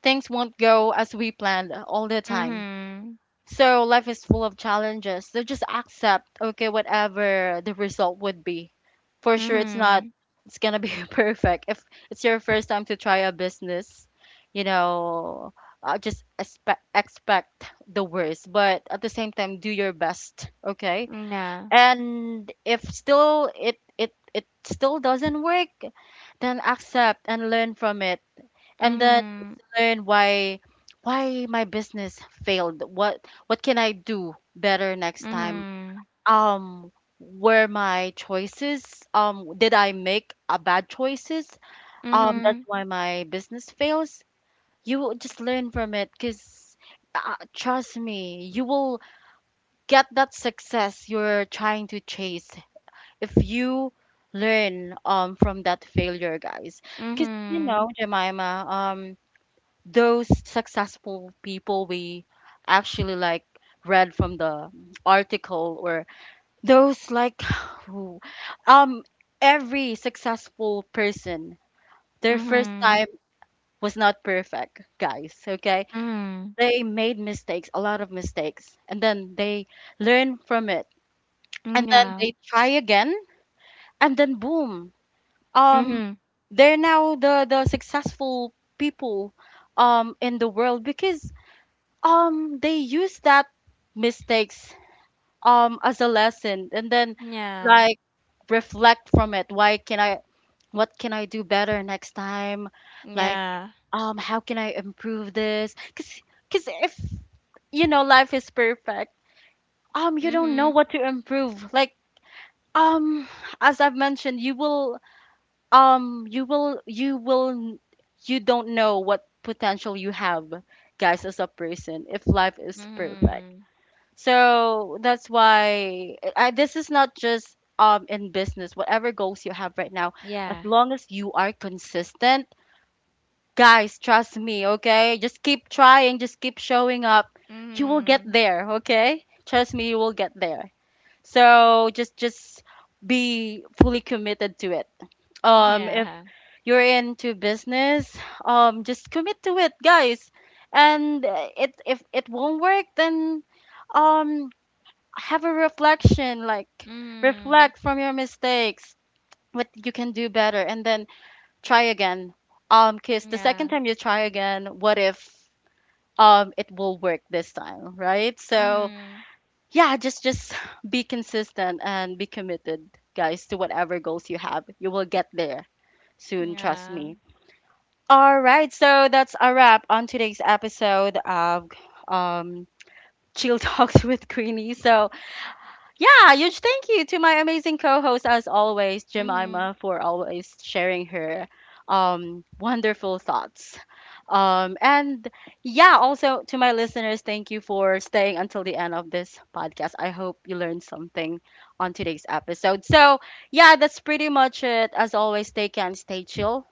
things won't go as we planned all the time,
Mhm.
so life is full of challenges. So just accept, okay, whatever the result would be. For sure, it's
Mhm.
not, it's gonna be perfect. If it's your first time to try a business, you know, just expect the worst, but at the same time, do your best, okay?
Yeah.
And if still it still doesn't work, then accept and learn from it, and then
Mhm.
learn why my business failed, what can I do better next time.
Mhm.
um were my choices, did I make a bad choices,
Mhm.
that's why my business fails. You will just learn from it, because trust me, you will get that success you're trying to chase if you learn from that failure, guys. Because you
Mhm.
know, Jemima, those successful people we actually like read from the article, or those like who um every successful person, their first
Mhm.
time was not perfect, guys, okay?
Mhm.
They made mistakes, a lot of mistakes, and then they learn from it,
Mm,
and then
Yeah.
they try again, and then boom, um
Mhm.
they're now the successful people in the world, because they use that mistakes as a lesson, and then
Yeah.
like reflect from it. Why can I, what can I do better next time? Like
Yeah.
how can I improve this? Cuz if you know life is perfect, you don't
Mhm.
know what to improve. Like um as I've mentioned, you will um you will you will you don't know what potential you have, guys, as a person, if life is perfect.
Mhm.
So that's why this is not just in business, whatever goals you have right now,
Yeah.
as long as you are consistent, guys, trust me, okay? Just keep trying, just keep showing up. You will get
Mhm.
there, okay? Trust me, you will get there. So just be fully committed to it. If
Yeah.
you're into business, just commit to it, guys. And it if it won't work, then um have a reflection, like
Mhm.
reflect from your mistakes, what you can do better, and then try again, because the
Yeah.
second time you try again, what if it will work this time, right? So
Mhm.
yeah, just be consistent and be committed, guys, to whatever goals you have. You will get there soon, trust
Yeah.
me. All right, so that's a wrap on today's episode of um Chill Talks with Queenie. So yeah, huge thank you to my amazing co-host as always,
Mhm.
Jemima, for always sharing
Yeah.
her wonderful thoughts. And yeah, also to my listeners, thank you for staying until the end of this podcast. I hope you learned something on today's episode. So yeah, that's pretty much it. As always, stay chill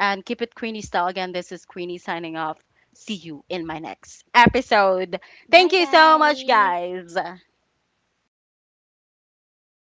and keep it Queenie style. Again, this is Queenie signing off. See you in my next episode.
Bye
Thank you so much,
guys.
guys.